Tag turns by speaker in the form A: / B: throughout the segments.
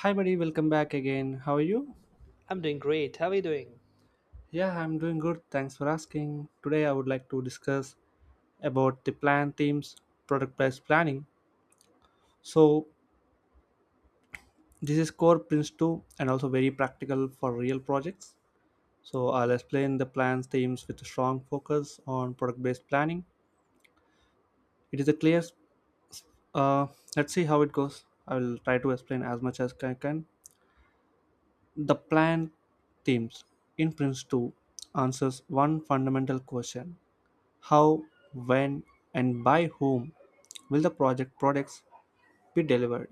A: Hi, buddy, welcome back again. How are you?
B: I'm doing great. How are you doing?
A: Yeah, I'm doing good. Thanks for asking. Today, I would like to discuss about the plan themes, product based planning. So, this is core Prince 2 and also very practical for real projects. So, I'll explain the plans themes with a strong focus on product based planning. It is a clear, uh, let's see how it goes. I will try to explain as much as I can. The plan themes in Prince 2 answers one fundamental question: how, when, and by whom will the project products be delivered?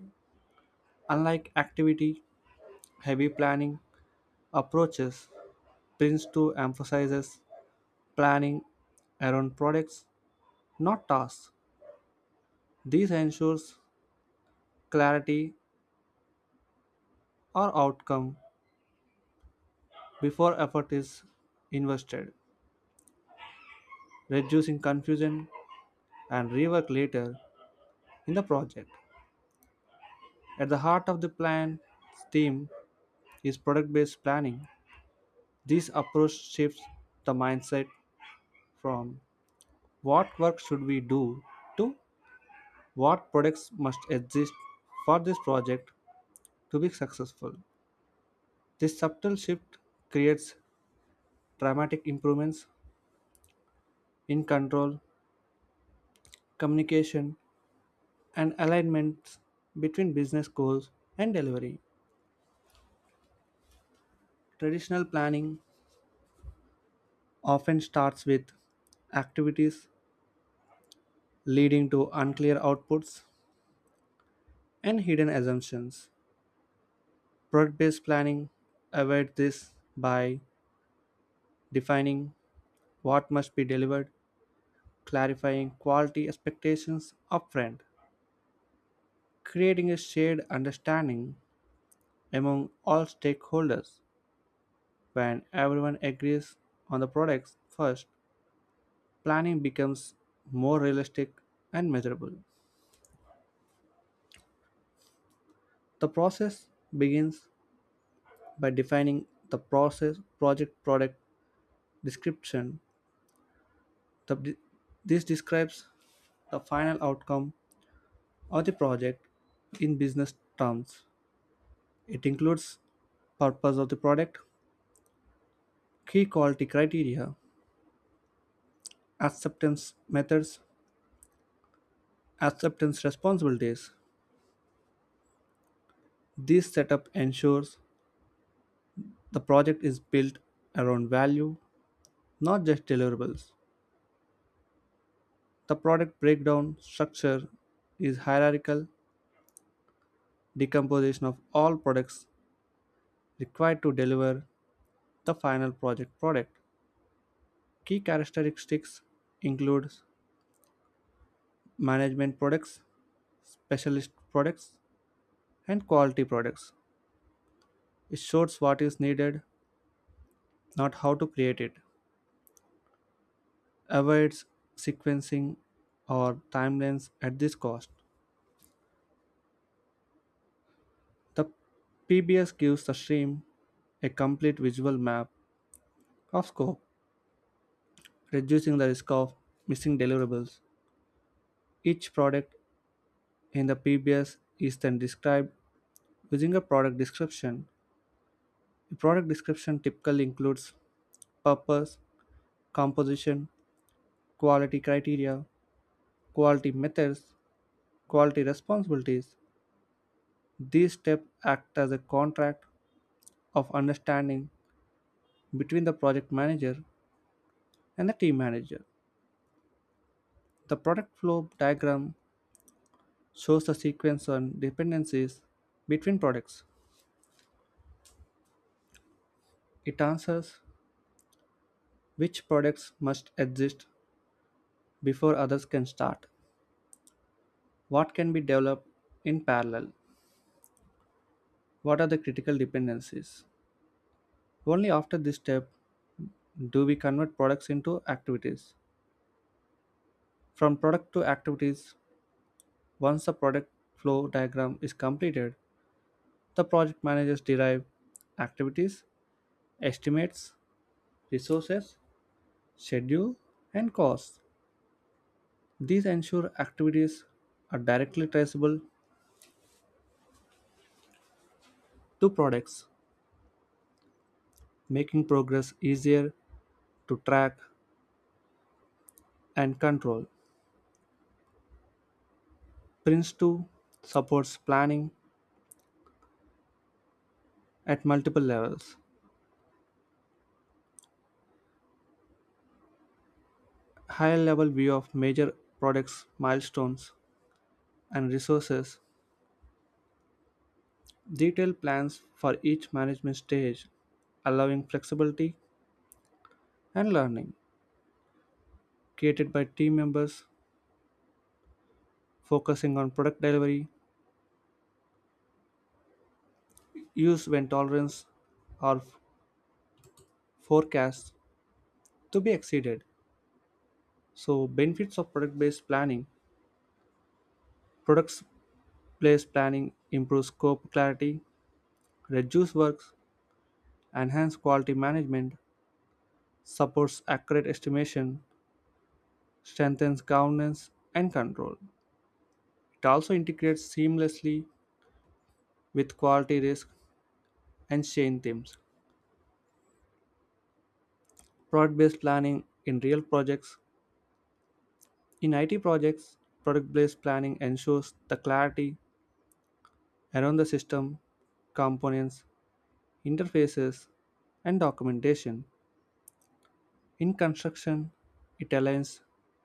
A: Unlike activity heavy planning approaches, Prince 2 emphasizes planning around products, not tasks. This ensures clarity or outcome before effort is invested, reducing confusion and rework later in the project. At the heart of the plan's theme is product based planning. This approach shifts the mindset from what work should we do to what products must exist for this project to be successful. This subtle shift creates dramatic improvements in control, communication, and alignments between business goals and delivery. Traditional planning often starts with activities leading to unclear outputs and hidden assumptions. Product based planning avoids this by defining what must be delivered, clarifying quality expectations upfront, creating a shared understanding among all stakeholders. When everyone agrees on the products first, planning becomes more realistic and measurable. The process begins by defining the process project product description. The- this describes the final outcome of the project in business terms. It includes purpose of the product, key quality criteria, acceptance methods, acceptance responsibilities. This setup ensures the project is built around value, not just deliverables. The product breakdown structure is hierarchical decomposition of all products required to deliver the final project product. Key characteristics include management products, specialist products, and quality products. It shows what is needed, not how to create it. Avoids sequencing or timelines at this cost. The PBS gives the stream a complete visual map of scope, reducing the risk of missing deliverables. Each product in the PBS is then described using a product description. The product description typically includes purpose, composition, quality criteria, quality methods, quality responsibilities. These steps act as a contract of understanding between the project manager and the team manager. The product flow diagram shows the sequence and dependencies between products. It answers which products must exist before others can start, what can be developed in parallel, what are the critical dependencies. Only after this step do we convert products into activities. From product to activities, once the product flow diagram is completed, the project managers derive activities, estimates, resources, schedule, and costs. These ensure activities are directly traceable to products, making progress easier to track and control. Prince 2 supports planning at multiple levels. High level view of major products, milestones, and resources. Detailed plans for each management stage, allowing flexibility and learning, created by team members focusing on product delivery, use when tolerance or forecasts to be exceeded. So, benefits of product based planning: products based planning improves scope clarity, reduce works, enhance quality management, supports accurate estimation, strengthens governance and control. It also integrates seamlessly with quality risk and change themes. Product based planning in real projects. In IT projects, product based planning ensures the clarity around the system, components, interfaces, and documentation. In construction, it aligns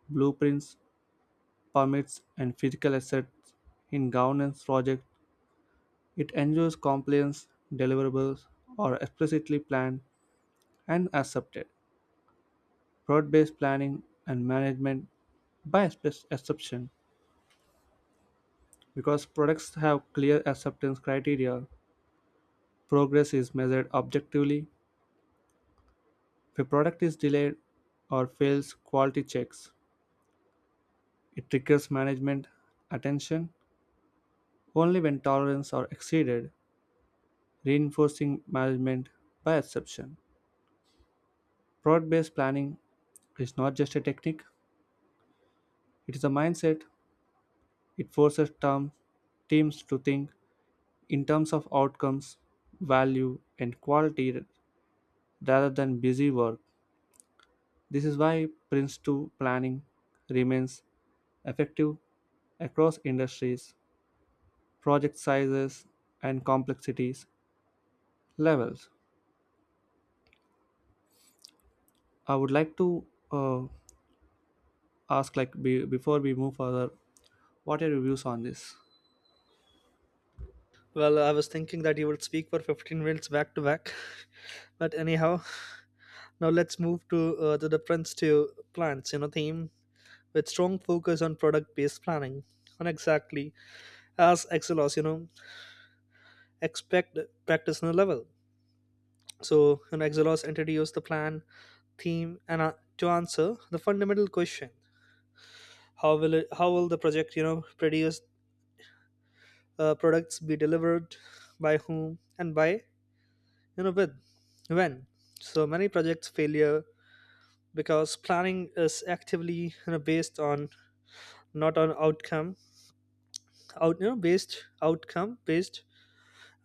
A: blueprints, permits, and physical assets. In governance projects, it ensures compliance, deliverables are explicitly planned and accepted. Product based planning and management by exception. Because products have clear acceptance criteria, progress is measured objectively. If a product is delayed or fails quality checks, it triggers management attention only when tolerance are exceeded, reinforcing management by exception. Product based planning is not just a technique, it is a mindset. It forces teams to think in terms of outcomes, value, and quality rather than busy work. This is why Prince two planning remains effective across industries, project sizes, and complexities levels. I would like to uh, ask, like, before we move further, what are your views on this?
B: Well, I was thinking that you would speak for 15 minutes back to back. But anyhow, now let's move to the difference to plants, you know, theme with strong focus on product based planning. And exactly as Excelos, you know, expect practice on a level. So, you know, Excelos introduced the plan, theme, and to answer the fundamental question: How will it? How will the project, you know, produce products be delivered by whom and by, you know, with when so many projects failure because planning is actively, you know, based on, not on outcome, out, you know, based, outcome based,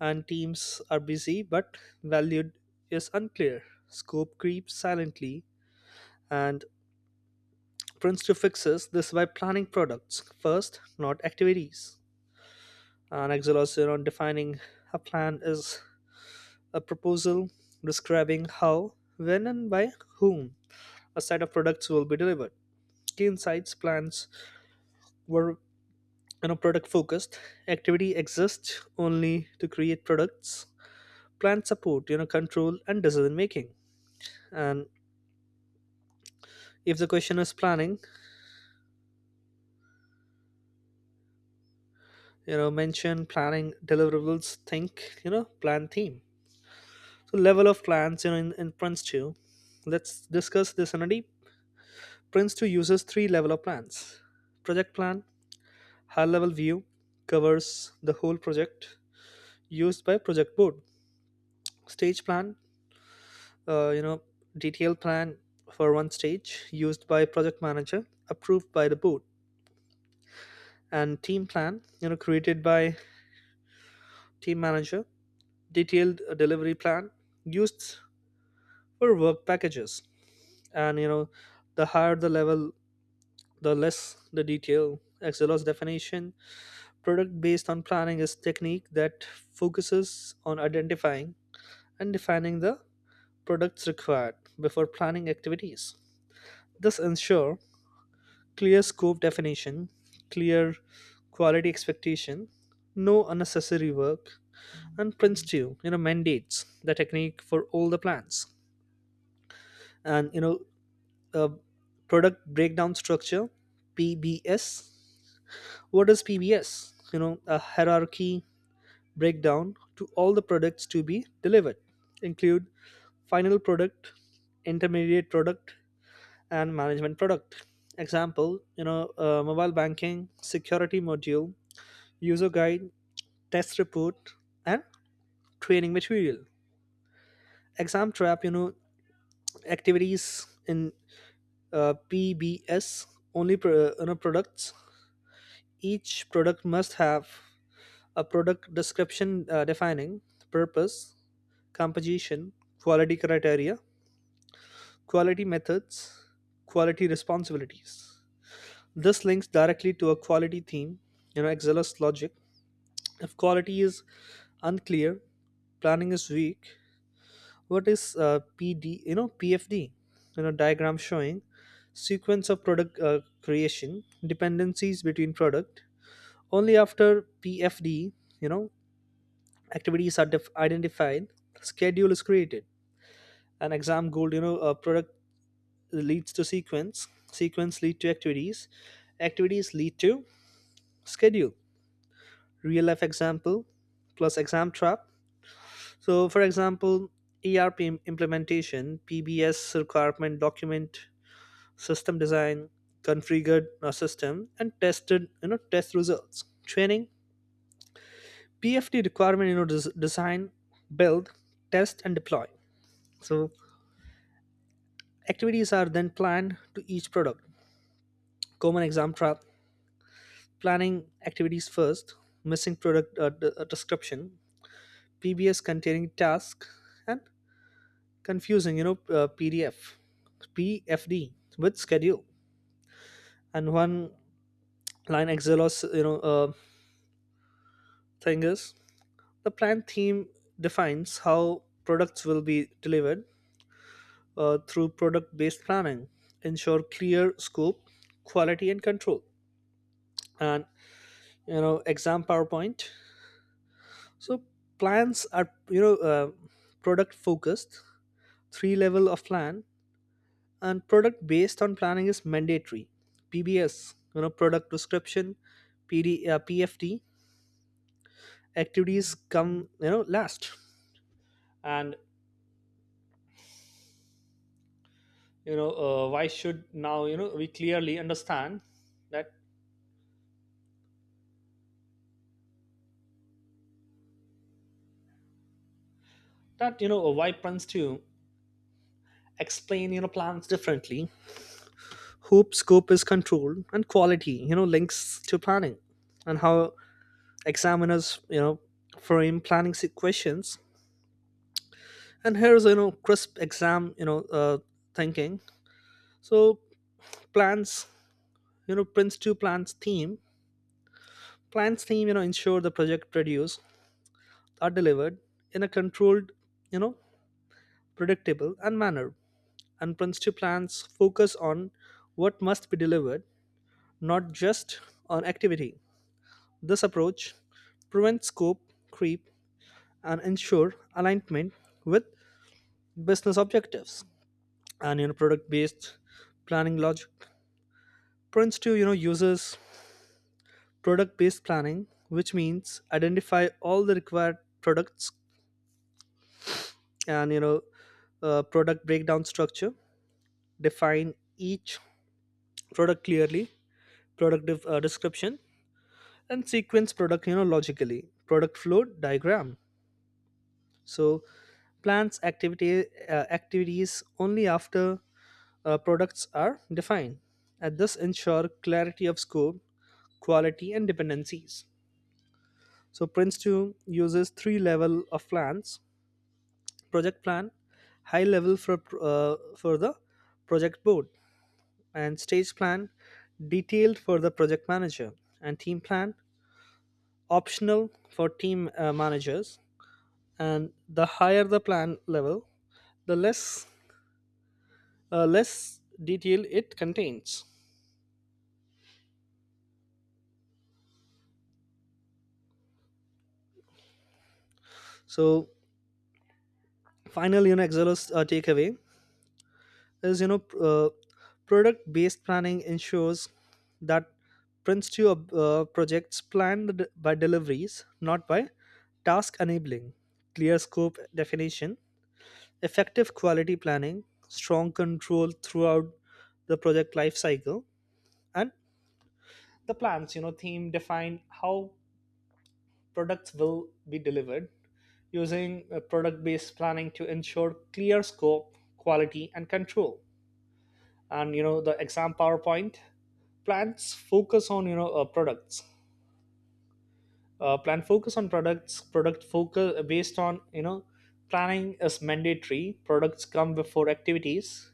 B: and teams are busy but valued is unclear. Scope creeps silently, and Prince to fixes this by planning products first, not activities. An exhaustion on defining a plan is a proposal describing how, when, and by whom a set of products will be delivered. Kane Site's plans were, you know, product focused. Activity exists only to create products, plan support, you know, control and decision making. And if the question is planning, you know, mention planning deliverables, think, you know, plan theme. So level of plans, you know, in Prince 2. Let's discuss this in a deep. Prince 2 uses three level of plans. Project plan, high level view, covers the whole project used by project board. Stage plan, you know, detailed plan for one stage used by project manager approved by the board, and team plan, you know, created by team manager, detailed delivery plan used for work packages. And, you know, the higher the level, the less the detail. Excelos definition: product based on planning is technique that focuses on identifying and defining the products required before planning activities. This ensure clear scope definition, clear quality expectation, no unnecessary work, and Prince 2, you know, mandates the technique for all the plans. And, you know, uh, product breakdown structure, PBS. What is PBS? You know, a hierarchy breakdown to all the products to be delivered, include final product, intermediate product, and management product. Example, you know, mobile banking, security module, user guide, test report, and training material. Exam trap, you know, activities in PBS only you know, products. Each product must have a product description defining purpose, composition, quality criteria, quality methods, quality responsibilities. This links directly to a quality theme, you know, Excel's logic. If quality is unclear, planning is weak. What is PD, you know, PFD, you know, diagram showing sequence of product creation, dependencies between product. Only after PFD, you know, activities are identified, schedule is created. An exam goal, you know, product leads to sequence, sequence lead to activities, activities lead to schedule. Real life example plus exam trap. So for example, ERP implementation PBS requirement document, system design, configured a system, and tested, you know, test results. Training PFD requirement, you know, design, build, test, and deploy. So activities are then planned to each product. Common exam trap: planning activities first, missing product description, PBS containing task, and confusing, you know, PDF, PFD with schedule. And one line Excel or you know, thing is: the plan theme defines how products will be delivered through product based planning, ensure clear scope, quality, and control. And, you know, exam PowerPoint. So plans are, you know, product focused, three level of plan, and product based on planning is mandatory. PBS, you know, product description, PD, PFD, activities come, you know, last. And, you know, why should now, you know, we clearly understand that that, you know, why plans to explain, you know, plans differently, hope scope is controlled and quality, you know, links to planning, and how examiners, you know, frame planning questions. And here's, you know, crisp exam, you know, thinking. So plans, you know, Prince 2 plans theme, plans theme, you know, ensure the project produce are delivered in a controlled, you know, predictable and manner. And principal plans focus on what must be delivered, not just on activity. This approach prevents scope creep and ensure alignment with business objectives and, you know, product based planning logic. Prince 2, you know, uses product based planning, which means identify all the required products and, you know, product breakdown structure, define each product clearly, product description, and sequence product, you know, logically, product flow diagram. So plans activity, activities only after products are defined. And this ensure clarity of scope, quality and dependencies. So Prince 2 uses three level of plans: project plan, high level for uh, the project board, and stage plan, detailed for the project manager, and team plan, optional for team managers. And the higher the plan level, the less less detail it contains. So final, you know, Excel's takeaway is, you know, product based planning ensures that Prince 2 projects planned by deliveries, not by task, enabling clear scope definition, effective quality planning, strong control throughout the project life cycle. And the plans, you know, theme define how products will be delivered using product based planning to ensure clear scope, quality, and control. And, you know, the exam PowerPoint: plans focus on, you know, products, plan focus on products, product focus, based on, you know, planning is mandatory, products come before activities.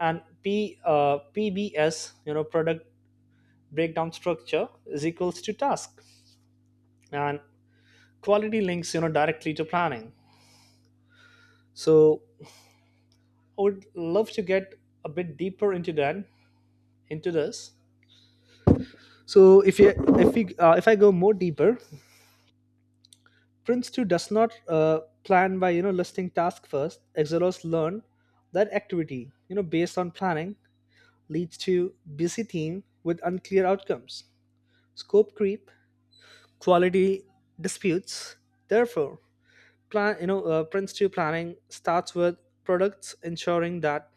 B: And p PBS, you know, product breakdown structure is equals to task. And quality links, you know, directly to planning. So I would love to get a bit deeper into that, into this. So if we, if I go more deeper, Prince two does not plan by, you know, listing task first. Exilers learn that activity, you know, based on planning leads to busy team with unclear outcomes, scope creep, quality disputes. Therefore, plan you know Prince two planning starts with products ensuring that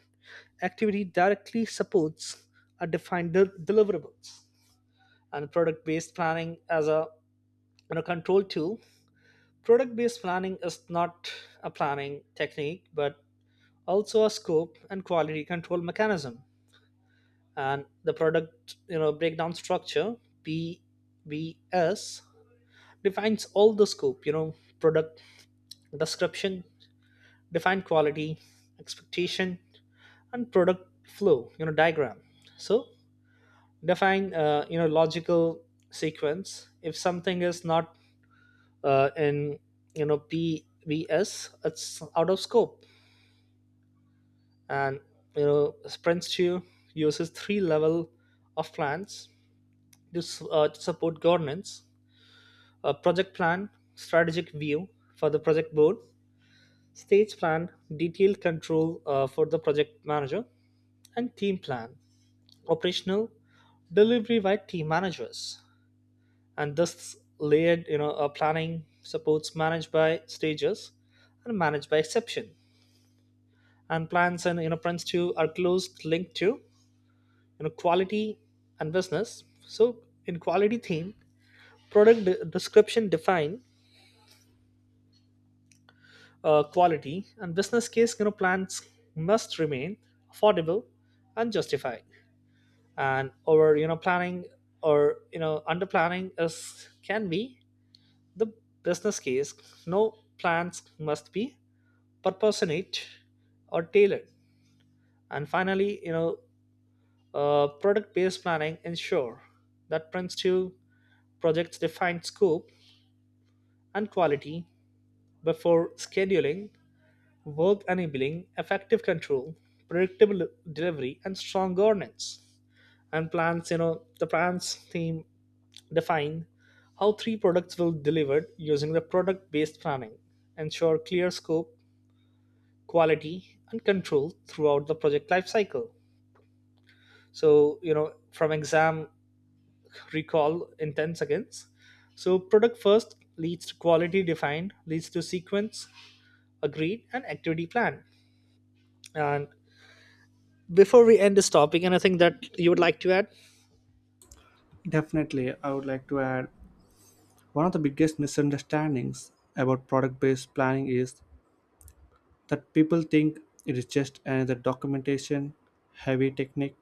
B: activity directly supports a defined deliverables. And product based planning as a, you know, control tool, product based planning is not a planning technique but also a scope and quality control mechanism. And the product, you know, breakdown structure, PBS, defines all the scope, you know, product description define quality expectation, and product flow, you know, diagram. So define, you know, logical sequence. If something is not in, you know, PVS, it's out of scope. And, you know, SprintStue uses three level of plans to, to support governance: a project plan, strategic view for the project board, stage plan, detailed control for the project manager, and team plan, operational delivery by team managers. And this layered, you know, planning supports managed by stages and managed by exception. And plans and you know, plans too are closely linked to, you know, quality and business. So in quality theme, product description define quality, and business case, you know, plans must remain affordable and justified. And over, you know, planning or, you know, under planning is can be the business case. No, plans must be proportionate or tailored. And finally, you know, product based planning ensure that Prince 2 projects define scope and quality before scheduling, work enabling effective control, predictable delivery, and strong governance. And plans, you know, the plans team define how three products will be delivered using the product based planning, ensure clear scope, quality, and control throughout the project lifecycle. So, you know, from exam recall in 10 seconds. So, product first leads to quality defined, leads to sequence agreed, and activity plan. And before we end this topic, anything that you would like to add?
A: Definitely, I would like to add one of the biggest misunderstandings about product based planning is that people think it is just another documentation heavy technique.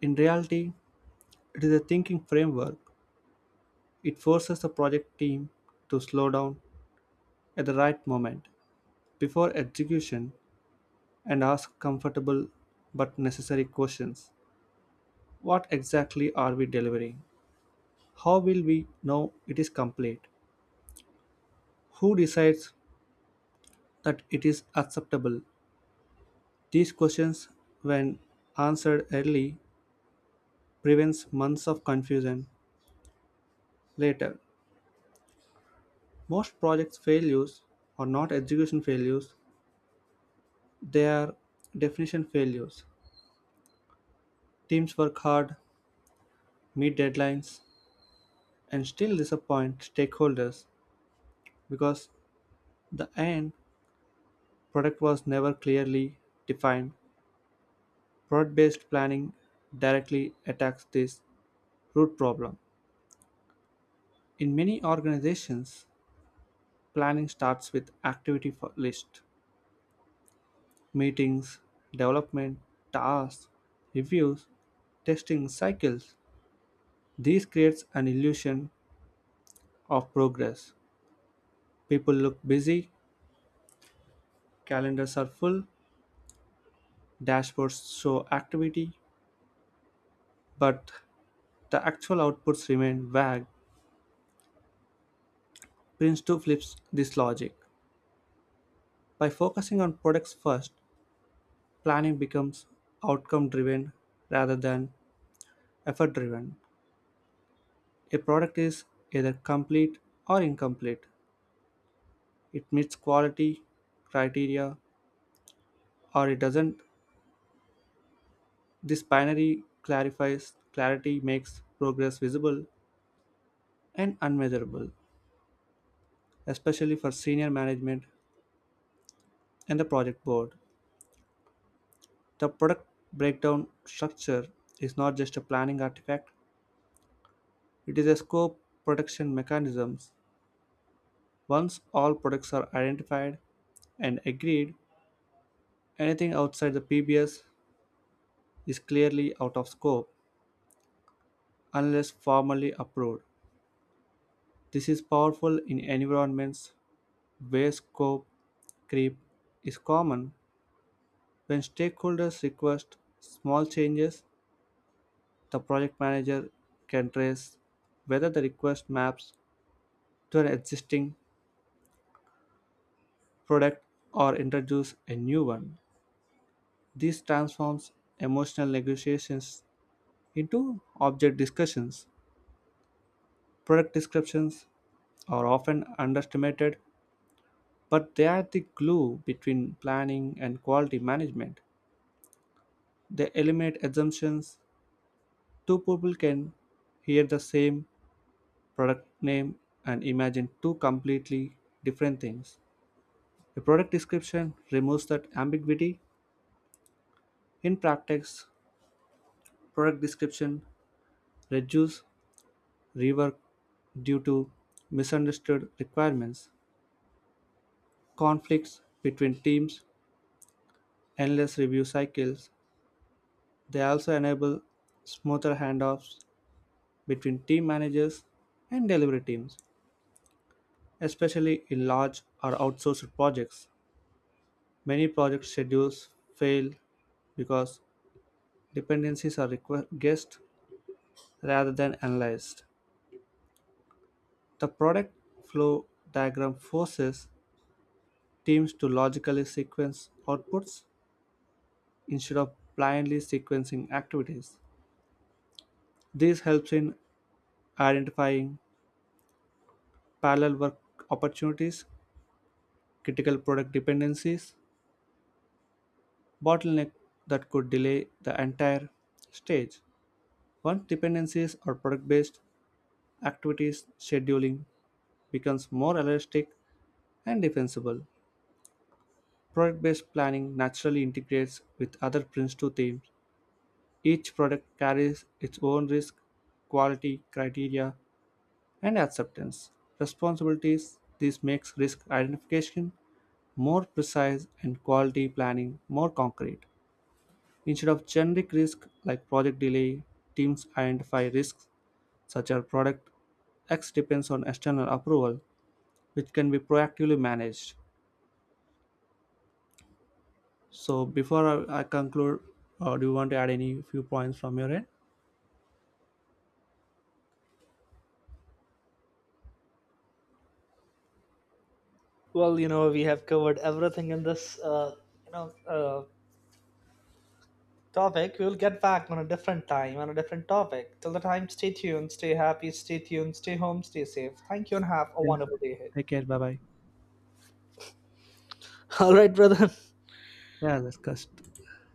A: In reality, it is a thinking framework. It forces the project team to slow down at the right moment before execution and ask comfortable but necessary questions. What exactly are we delivering? How will we know it is complete? Who decides that it is acceptable? These questions, when answered early, prevents months of confusion later. Most projects failures are not execution failures, they are definition failures. Teams work hard meet deadlines, and still disappoint stakeholders because the end product was never clearly defined. Product based planning directly attacks this root problem. In many organizations, planning starts with list, meetings, development, tasks, reviews, testing cycles. This creates an illusion of progress. People look busy, calendars are full, dashboards show activity, but the actual outputs remain vague. Prince2 flips this logic. By focusing on products first, planning becomes outcome driven rather than effort driven. A product is either complete or incomplete. It meets quality criteria or it doesn't. This binary clarifies, clarity makes progress visible and unmeasurable, especially for senior management and the project board. The product breakdown structure is not just a planning artifact, it is a scope protection mechanism. Once all products are identified and agreed, anything outside the PBS is clearly out of scope unless formally approved. This is powerful in environments where scope creep is common. When stakeholders request small changes, the project manager can trace whether the request maps to an existing product or introduce a new one. This transforms emotional negotiations into object discussions. Product descriptions are often underestimated, but they are the glue between planning and quality management. They eliminate assumptions. Two people can hear the same product name and imagine two completely different things. A product description removes that ambiguity. In practice, product description reduce rework due to misunderstood requirements, conflicts between teams, endless review cycles. They also enable smoother handoffs between team managers and delivery teams, especially in large or outsourced projects. Many project schedules fail because dependencies are guessed rather than analyzed. The product flow diagram forces teams to logically sequence outputs instead of blindly sequencing activities. This helps in identifying parallel work opportunities, critical product dependencies, bottleneck that could delay the entire stage. Once dependencies are product based, activities scheduling becomes more elastic and defensible. Product based planning naturally integrates with other Prince2 themes. Each product carries its own risk, quality criteria, and acceptance responsibilities. This makes risk identification more precise and quality planning more concrete. Instead of generic risk like project delay, teams identify risks such as product X depends on external approval, which can be proactively managed. So before I conclude, do you want to add any few points from your end?
B: Well, you know, we have covered everything in this, you know, uh, topic. We'll get back on a different time, on a different topic. Till the time, stay tuned, stay happy, stay tuned, stay home, stay safe. Thank you, and have a
A: Yes.
B: wonderful day ahead.
A: Take care. Bye bye.
B: All right, brother.
A: Yeah, that's just